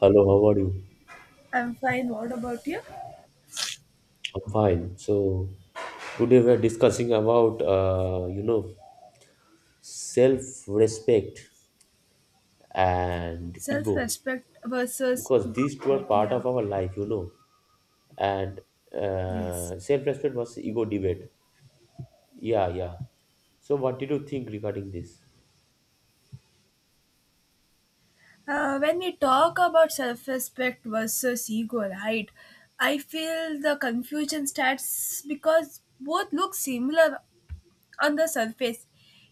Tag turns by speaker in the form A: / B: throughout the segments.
A: Hello, how are you?
B: I'm fine. What about you?
A: I'm fine. So today we are discussing about self-respect and ego
B: Self-respect versus
A: because
B: ego.
A: these two are
B: Right?
A: part
B: Yeah.
A: of our life, And
B: Yes.
A: self-respect versus ego debate. Yeah, yeah. So what did you think regarding this?
B: When we talk about self-respect versus ego, right? I feel the confusion starts because both look similar on the surface,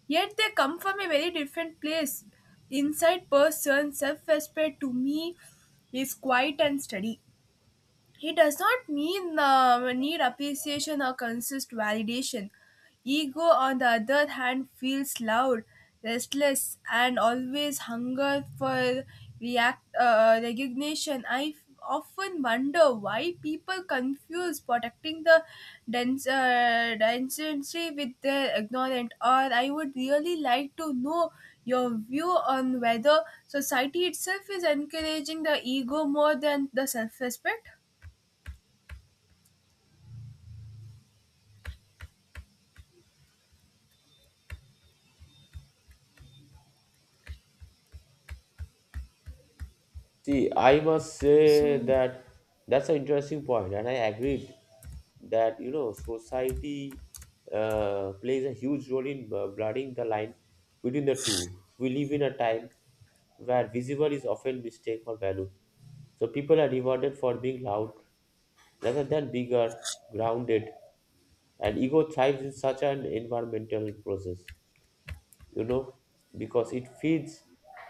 B: yet they come from a very different place. Inside person, self-respect to me is quiet and steady. He does not mean need appreciation or consist validation. Ego, on the other hand, feels loud, restless, and always hunger for react recognition. I often wonder why people confuse protecting the density with their ignorant. Or I would really like to know your view on whether society itself is encouraging the ego more than the self-respect.
A: See, I must say
B: So,
A: that that's an interesting point, and I agreed that society plays a huge role in blurring the line between the two. We live in a time where visible is often mistaken for value, so people are rewarded for being loud rather than bigger, grounded, and ego thrives in such an environmental process you know, because it feeds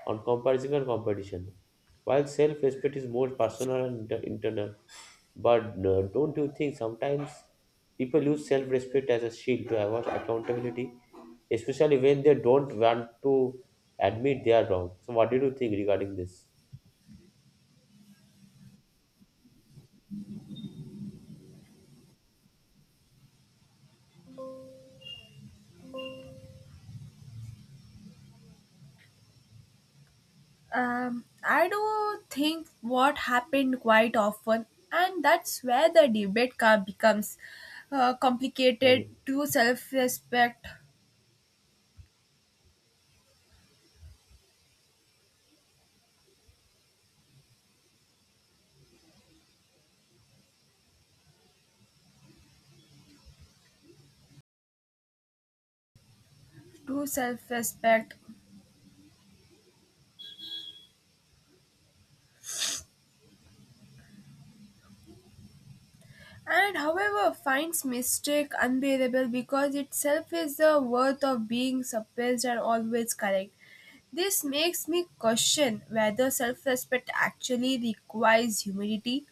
A: on comparison and competition. While self respect is more personal and internal, but don't you think sometimes people use self respect as a shield to avoid accountability, especially when they don't want to admit they are wrong? So, what did you think regarding this?
B: I do think what happened quite often, and that's where the debate becomes complicated
A: Hello.
B: to self-respect, and however finds mistake unbearable because itself is the worth of being suppressed and always correct. This makes me question whether self respect actually requires humility,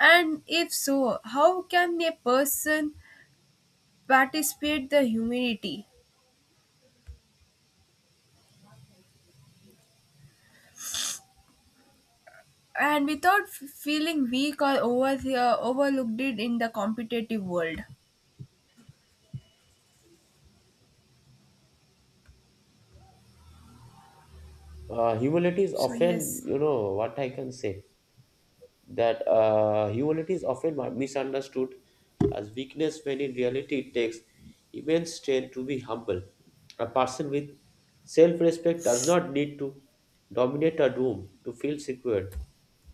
B: and if so, how can a person participate the humanity and without feeling weak or over overlooked it in the competitive world,
A: Humility is
B: so
A: often,
B: yes.
A: what I can say that humility is often misunderstood as weakness when in reality it takes immense strength to be humble. A person with self respect does not need to dominate a room to feel secure.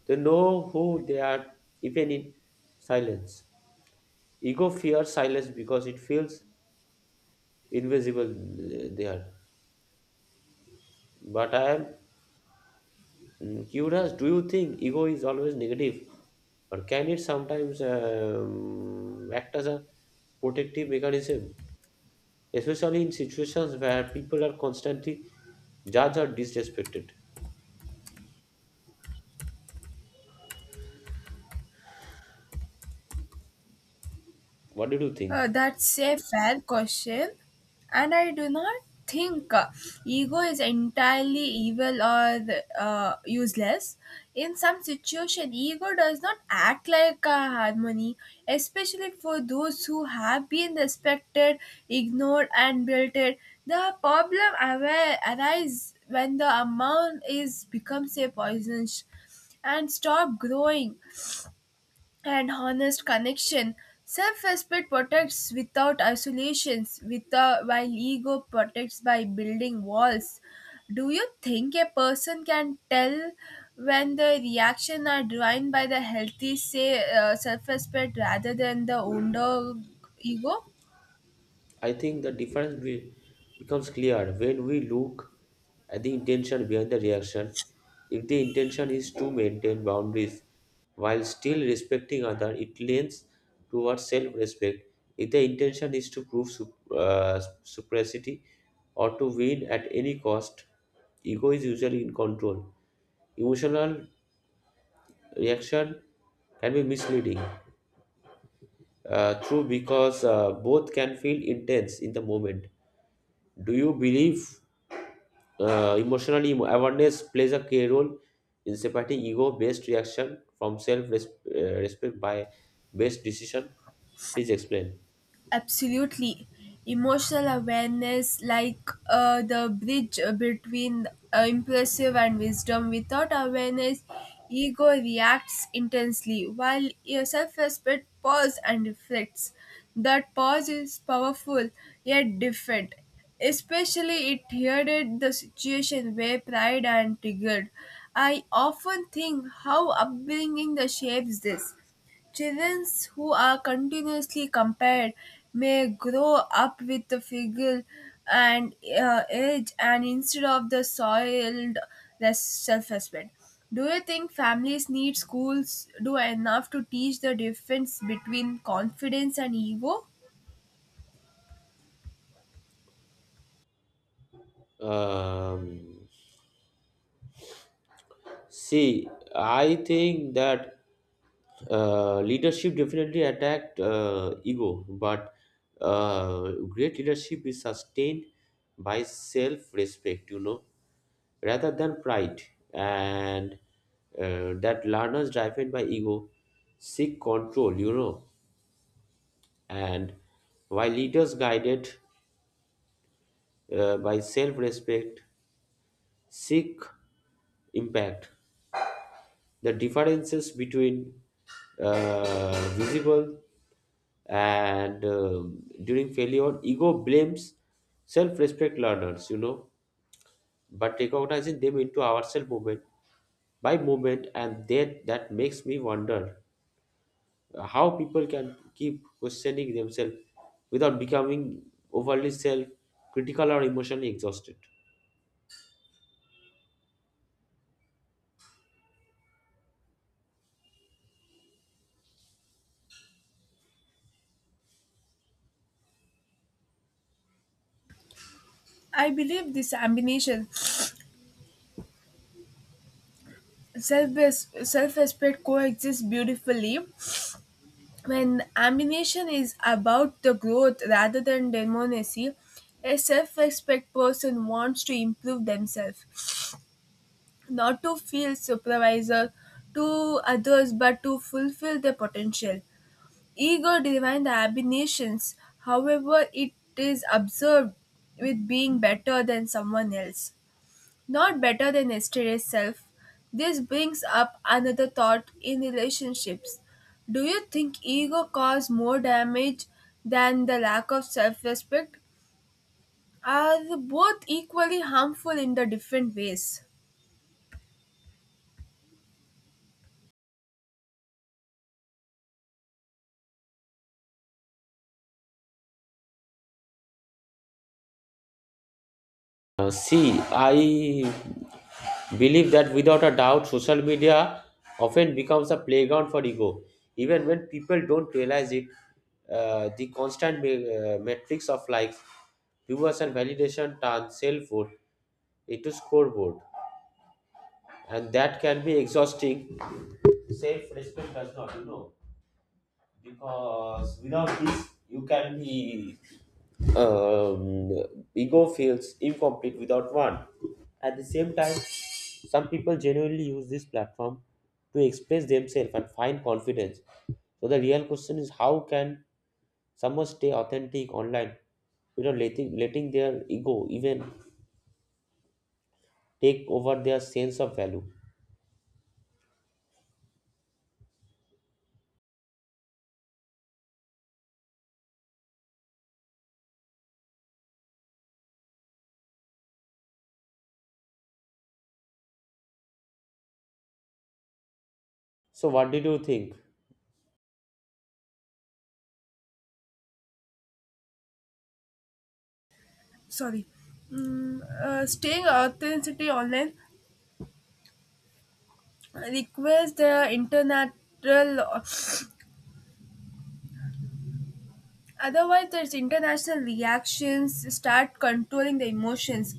A: They know who they are even in silence. Ego fears silence because it feels invisible there. But I am curious, do you think ego is always negative, or can it sometimes act as a protective mechanism, especially in situations where people are constantly judged or disrespected? What did you think?
B: That's a fair question, and I do not think ego is entirely evil or useless. In some situation, ego does not act like a harmony, especially for those who have been respected, ignored, and belted. The problem aware arises when the amount is becomes a poison and stop growing and honest connection. Self respect protects without isolations, without, while ego protects by building walls. Do you think a person can tell when the reaction are driven by the healthy say self respect rather than the under ego?
A: I think the difference becomes clear when we look at the intention behind the reaction. If the intention is to maintain boundaries while still respecting other, it lends towards self-respect. If the intention is to prove supremacy or to win at any cost, ego is usually in control. Emotional reaction can be misleading. True, because both can feel intense in the moment. Do you believe emotionally awareness plays a key role in separating ego-based reaction from self-respect by based decision. Please explain.
B: Absolutely. Emotional awareness, like the bridge between impulsive and wisdom. Without awareness, ego reacts intensely, while your self respect pause and reflects. That pause is powerful yet different. Especially it headed the situation where pride and triggered. I often think how upbringing the shapes this. Children who are continuously compared may grow up with the figure and age and instead of the soiled self-respect. Do you think families need schools do enough to teach the difference between confidence and ego?
A: Um, See, I think that leadership definitely attacked ego, but great leadership is sustained by self-respect, rather than pride, and that learners driven by ego seek control, and while leaders guided by self-respect seek impact. The differences between visible and during failure, ego blames self-respect learners, but recognizing them into ourselves moment by moment, and that makes me wonder how people can keep questioning themselves without becoming overly self-critical or emotionally exhausted.
B: I believe this combination self self-respect coexists beautifully when ambition is about the growth rather than demonacy, a self respect person wants to improve themselves, not to feel supervisor to others but to fulfill their potential. Ego driven the ambitions, however, it is observed with being better than someone else. Not better than yesterday's self. This brings up another thought in relationships. Do you think ego causes more damage than the lack of self respect? Are both equally harmful in the different ways?
A: See, I believe that without a doubt social media often becomes a playground for ego even when people don't realize it the constant metrics of likes viewers and validation turn selfhood into scoreboard and that can be exhausting self-respect does not because without this you can be um, ego feels incomplete without one at the same time some people genuinely use this platform to express themselves and find confidence so the real question is how can someone stay authentic online without letting their ego even take over their sense of value so what did you think
B: Sorry. Staying authenticity online requires the international, otherwise there's international reactions start controlling the emotions.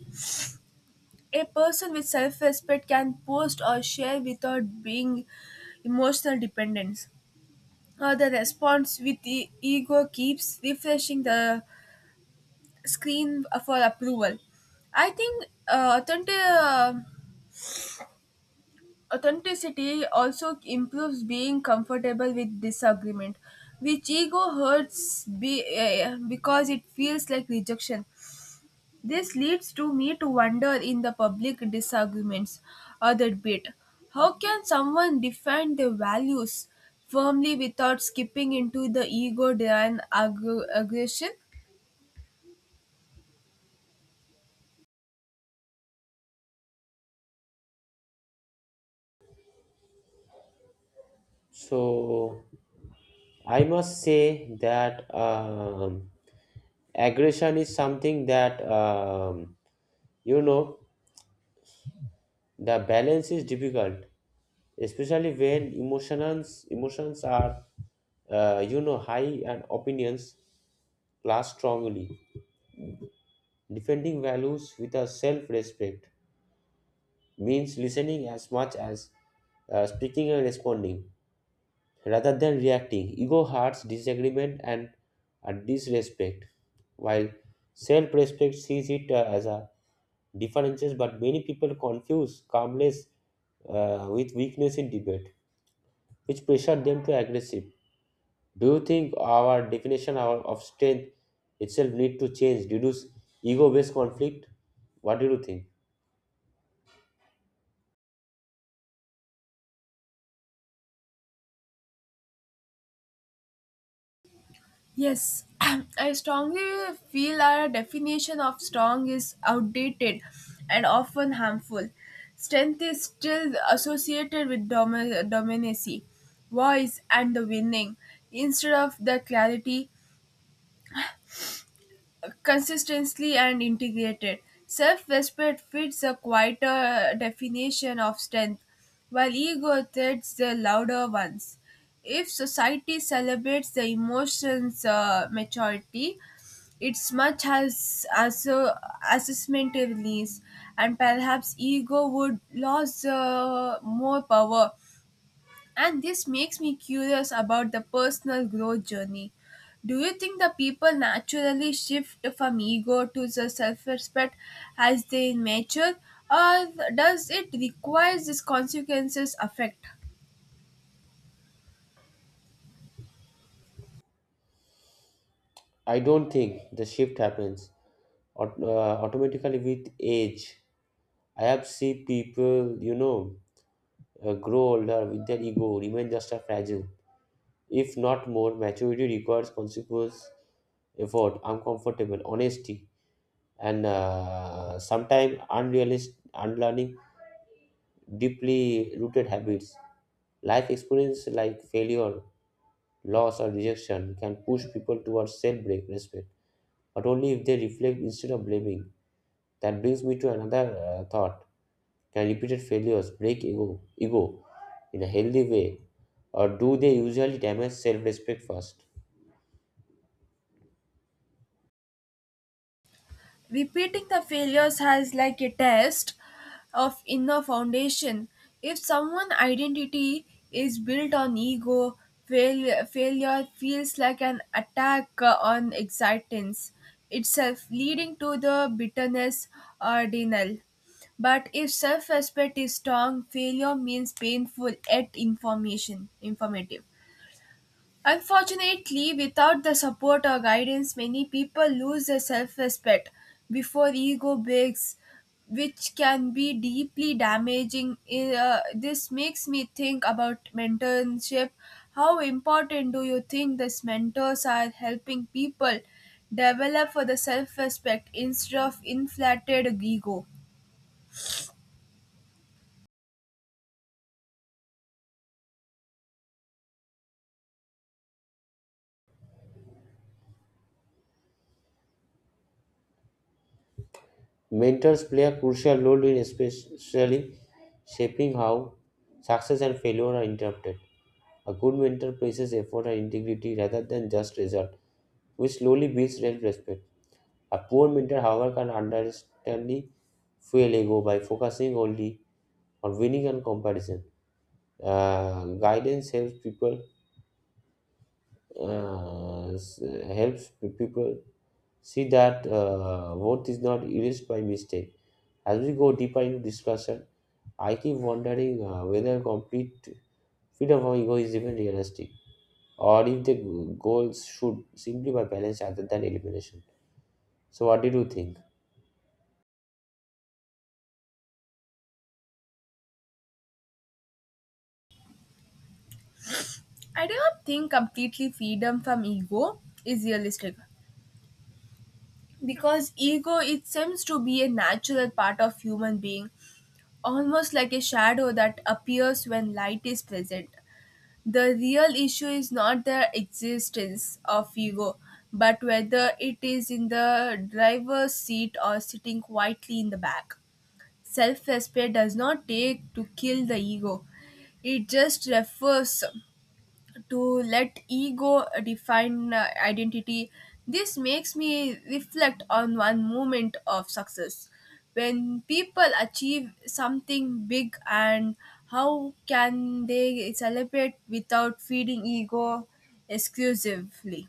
B: A person with self respect can post or share without being emotional dependence. The response with the ego keeps refreshing the screen for approval. I think authenticity also improves being comfortable with disagreement, which ego hurts because it feels like rejection. This leads to me to wonder in the public disagreements or the debate. How can someone defend their values firmly without skipping into the ego driven aggression?
A: So I must say that aggression is something that you know the balance is difficult especially when emotions are high and opinions clash strongly defending values with a self-respect means listening as much as speaking and responding rather than reacting. Ego hurts disagreement and a disrespect, while self respect sees it as a differences, but many people confuse calmness with weakness in debate, which pressure them to aggressive. Do you think our definition of strength itself need to change, reduce ego-based conflict? What do you think?
B: Yes, I strongly feel our definition of strong is outdated and often harmful. Strength is still associated with dominacy, voice, and the winning instead of the clarity, consistently and integrated. Self respect fits a quieter definition of strength, while ego threats the louder ones. If society celebrates the emotions' maturity, it's much as a assessment release, and perhaps ego would lose more power and this makes me curious about the personal growth journey. Do you think the people naturally shift from ego to the self-respect as they mature, or does it require these consequences affect?
A: I don't think the shift happens automatically with age. I have seen people, grow older with their ego remain just as fragile, if not more. Maturity requires consequence, effort, uncomfortable honesty, and sometimes unrealistic unlearning deeply rooted habits. Life experience like failure, loss, or rejection can push people towards self-break respect, but only if they reflect instead of blaming. That brings me to another thought. Can repeated failures break ego in a healthy way, or do they usually damage self respect first?
B: Repeating the failures has like a test of inner foundation. If someone identity is built on ego, failure feels like an attack on existence itself, leading to the bitterness or denial. But if self-respect is strong, failure means painful yet information informative. Unfortunately, without the support or guidance, many people lose their self respect before ego breaks, which can be deeply damaging. This makes me think about mentorship. How important do you think these mentors are helping people develop for the self respect instead of inflated ego?
A: Mentors play a crucial role in especially shaping how success and failure are interpreted. A good mentor praises effort and integrity rather than just result, which slowly builds self-respect. A poor mentor, however, can understandably fuel ego by focusing only or winning and comparison. Guidance helps people s- helps people see that worth is not erased by mistake. As we go deeper into discussion, I keep wondering whether complete freedom from ego is even realistic, or if the goals should simply be balanced rather than elimination. So, what did you think?
B: I do not think completely freedom from ego is realistic, because ego it seems to be a natural part of human being, almost like a shadow that appears when light is present. The real issue is not the existence of ego, but whether it is in the driver's seat or sitting quietly in the back. Self-respect does not take to kill the ego, it just refers to let ego define identity. This makes me reflect on one moment of success. When people achieve something big and how can they celebrate without feeding ego exclusively?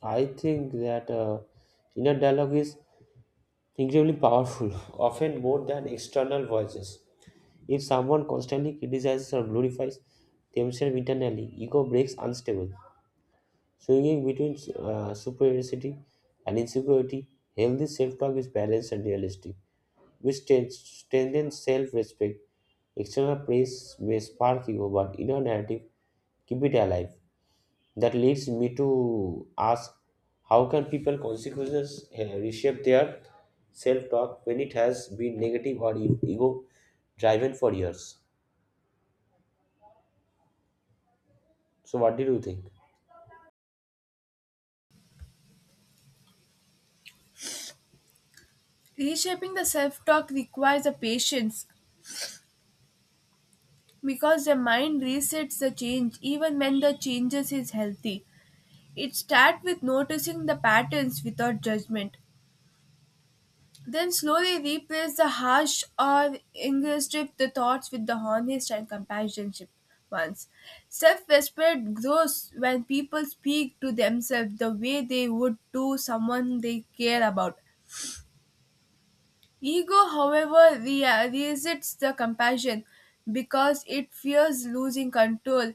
A: I think that inner dialogue is incredibly powerful, often more than external voices. If someone constantly criticizes or glorifies themselves internally, ego breaks unstable, swinging between superiority and insecurity. Healthy self-talk is balanced and realistic, which strengthens self-respect. External praise may spark ego, but inner narrative keep it alive. That leads me to ask, how can people consequences reshape their self-talk when it has been negative or ego-driven for years? So, what did you think?
B: Reshaping the self talk requires a patience because the mind resets the change even when the changes is healthy. It starts with noticing the patterns without judgment. Then slowly replace the harsh or ingressive the thoughts with the honest and compassionate ones. Self-respect grows when people speak to themselves the way they would to someone they care about. Ego, however, resists the compassion because it fears losing control.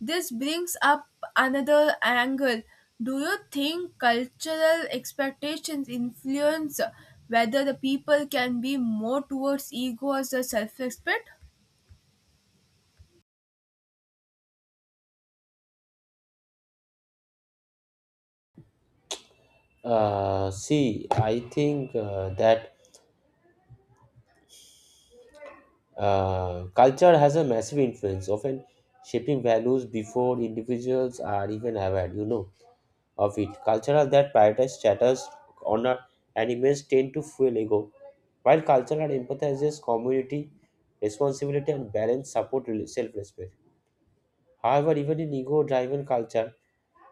B: This brings up another angle. Do you think cultural expectations influence whether the people can be more towards ego as a self respect?
A: See, I think that culture has a massive influence, often shaping values before individuals are even aware, of it. Cultural that prioritize status, honor, and image tend to fuel ego, while cultural empathizes community, responsibility, and balance support self-respect. However, even in ego-driven culture,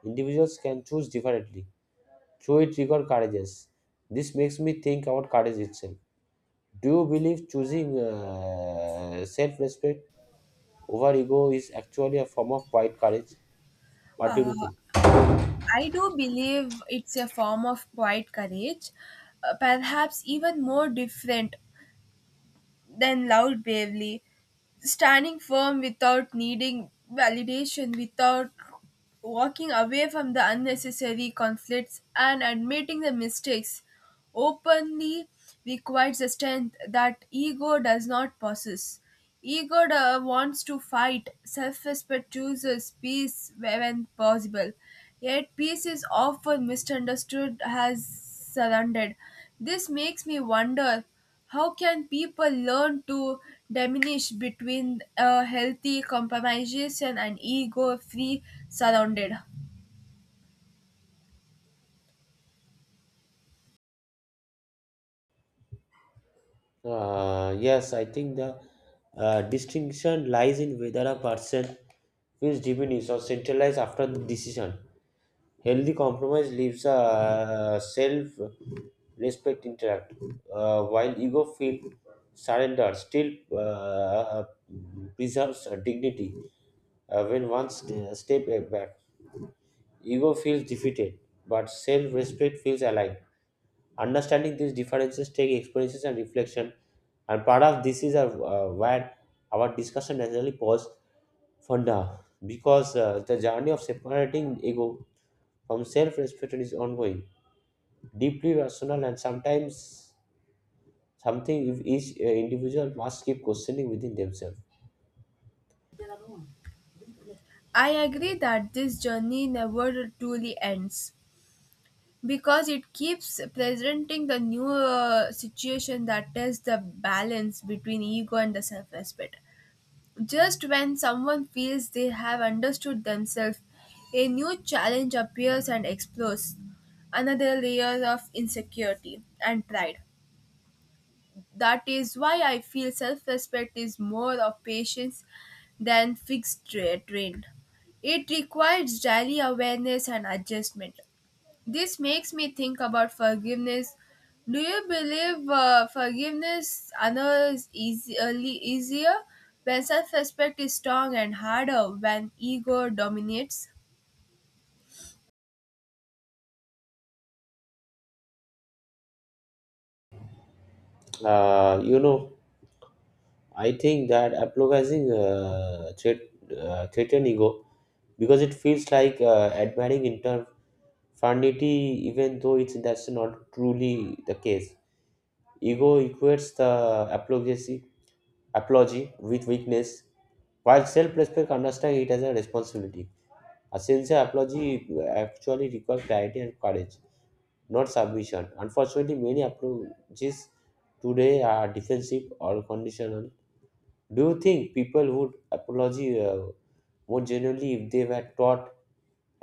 A: individuals can choose differently. Through it, rigor courageous. This makes me think about courage itself. Do you believe choosing self respect over ego is actually a form of quiet courage? What do you think?
B: I do believe it's a form of quiet courage, perhaps even more different then loud bravely, standing firm without needing validation, without walking away from the unnecessary conflicts, and admitting the mistakes openly requires a strength that ego does not possess. Egoda wants to fight, self respect chooses peace when possible. Yet, peace is often misunderstood as surrendered. This makes me wonder how can people learn to diminish between a healthy compromisation and ego free surrounded?
A: Yes, I think the distinction lies in whether a person feels diminished or centralized after the decision. Healthy compromise leaves a self respect intact, while ego feel surrender still uh, preserves dignity when one step back. Ego feels defeated, but self respect feels alive. Understanding these differences takes experiences and reflection, and part of this is where our discussion naturally pause for now because the journey of separating ego from self respect is ongoing, deeply personal, and sometimes something if each individual must keep questioning within themselves.
B: I agree that this journey never truly ends, because it keeps presenting the new situation that tests the balance between ego and the self-respect. Just when someone feels they have understood themselves, a new challenge appears and explodes another layer of insecurity and pride. That is why I feel self-respect is more of patience than fixed trained. It requires daily awareness and adjustment. This makes me think about forgiveness. Do you believe forgiveness others is easily easier when self-respect is strong and harder when ego dominates?
A: Uh, you know, I think that apologizing threaten ego because it feels like admiring interfanity, even though it's that's not truly the case. Ego equates the apology with weakness, while self-respect understands it as a responsibility. A sincere apology actually requires clarity and courage, not submission. Unfortunately, many apologies today are defensive or conditional. Do you think people would apology more generally if they were taught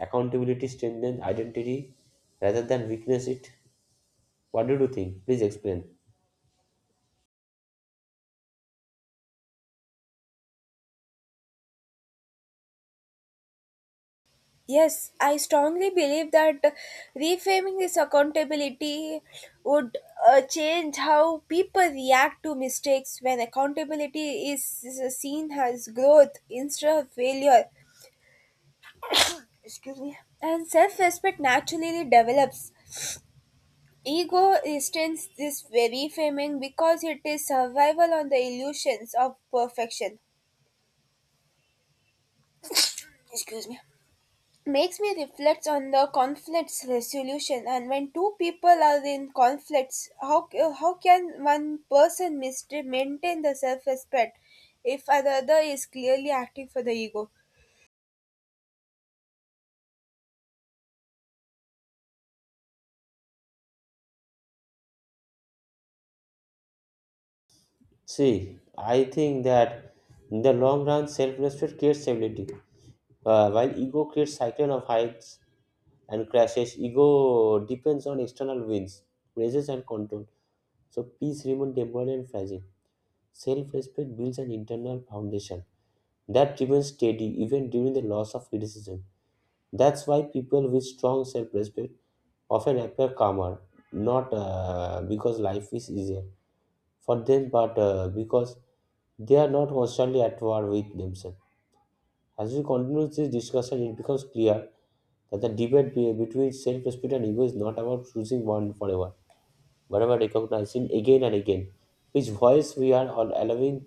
A: accountability strengthens identity rather than weakness it? What did you think? Please explain.
B: Yes, I strongly believe that reframing this accountability would change how people react to mistakes when accountability is seen as growth instead of failure. And self respect naturally develops. Ego resistance this very framing because it is survival on the illusions of perfection. Makes me reflect on the conflicts resolution, and when two people are in conflicts, how can one person maintain the self respect if the other is clearly acting for the ego?
A: See, I think that in the long run, self-respect creates stability, while ego creates cycle of heights and crashes. Ego depends on external wins, praises, and control. So peace remains temporary and fragile. Self-respect builds an internal foundation that driven steady even during the loss of criticism. That's why people with strong self respect often appear calmer, not because life is easier for them, but because they are not constantly at war with themselves. As we continue this discussion, it becomes clear that the debate between self respect and ego is not about choosing one forever, but about recognizing again and again which voice we are all allowing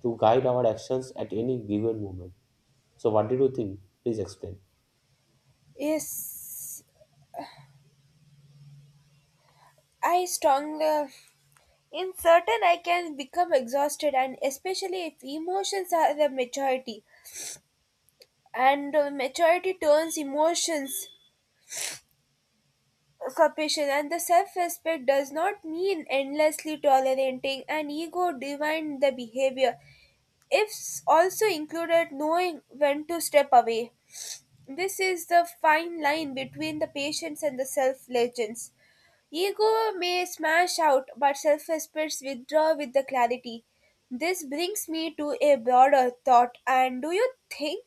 A: to guide our actions at any given moment. So, what did you think? Please explain.
B: Yes, I strongly. In certain, I can become exhausted, and especially if emotions are the majority. And maturity turns emotions sufficient and the self-respect does not mean endlessly tolerating and ego divine the behavior. It's also included knowing when to step away. This is the fine line between the patience and the self-legends. Ego may smash out, but self respect withdraw with the clarity. This brings me to a broader thought. And do you think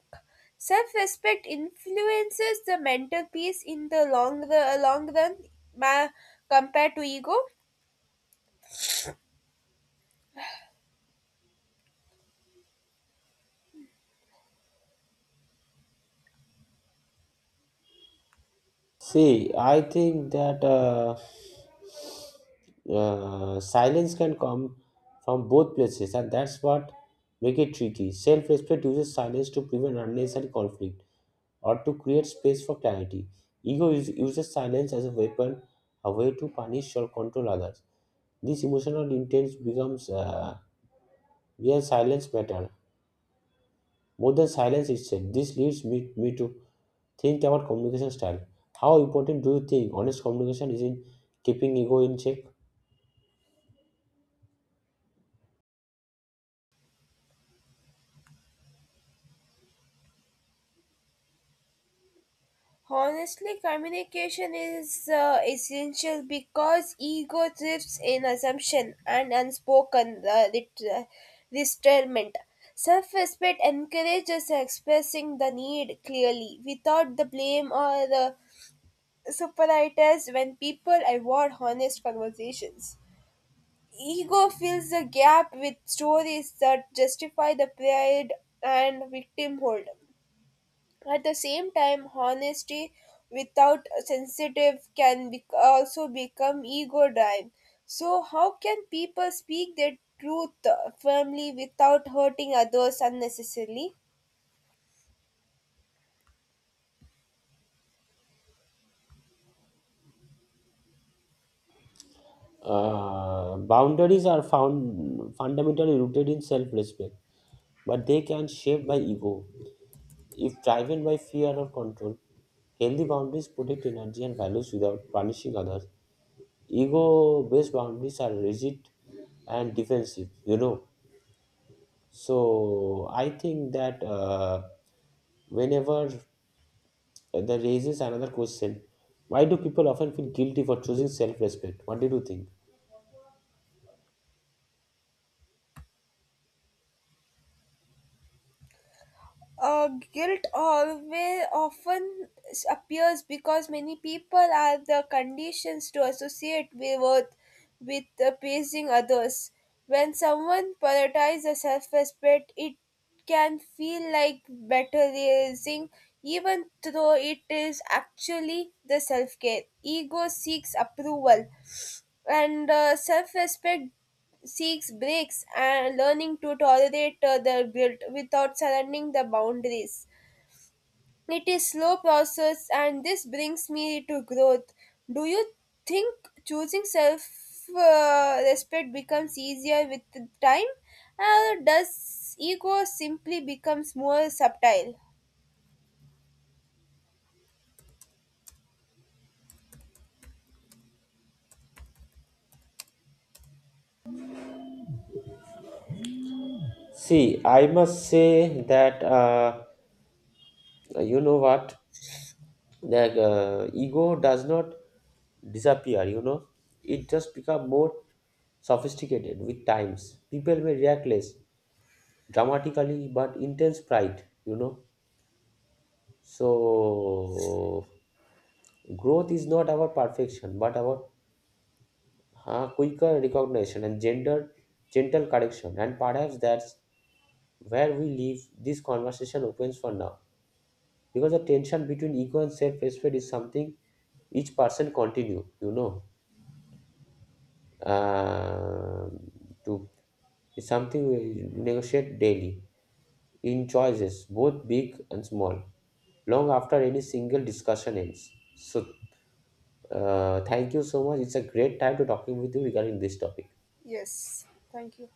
B: self respect influences the mental peace in the long run ma- compared to ego?
A: See, I think that silence can come from both places, and that's what make it tricky. Self-respect uses silence to prevent unnecessary conflict or to create space for clarity. Uses silence as a weapon, a way to punish or control others. This emotional intense becomes where silence matter more than silence itself. This leads me to think about communication style. How important do you think honest communication is in keeping ego in check?
B: Honestly, communication is essential because ego thrives in assumption and unspoken restraint. Self-respect encourages expressing the need clearly without the blame or the superiorities when people avoid honest conversations. Ego fills the gap with stories that justify the pride and victimhood. At the same time, honesty without sensitive can also become ego driven. So, how can people speak their truth firmly without hurting others unnecessarily?
A: Boundaries are found fundamentally rooted in self-respect, but they can shape by ego. If driven by fear or control, healthy boundaries protect energy and values without punishing others. Ego-based boundaries are rigid and defensive, So I think that whenever And that raises another question. Why do people often feel guilty for choosing self respect? What did you think?
B: Guilt always often appears because many people are the conditions to associate with worth with appeasing others. When someone prioritizes self-respect, it can feel like bettering, even though it is actually the self-care. Ego seeks approval, and self-respect seeks breaks and learning to tolerate their guilt without surrendering the boundaries. It is slow process, and this brings me to growth. Do you think choosing self respect becomes easier with the time, or does ego simply becomes more subtle?
A: See, I must say that you know what, the ego does not disappear. You know, it just become more sophisticated with times. People may react less dramatically, but intense pride. You know, so growth is not about perfection, but about quicker recognition and gender gentle correction and perhaps that's where we leave this conversation opens for now because the tension between ego and self-respect is something each person continue you know uh, to it's something we negotiate daily in choices both big and small long after any single discussion ends. So thank you so much, it's a great time to talking with you regarding this topic.
B: Yes, thank you.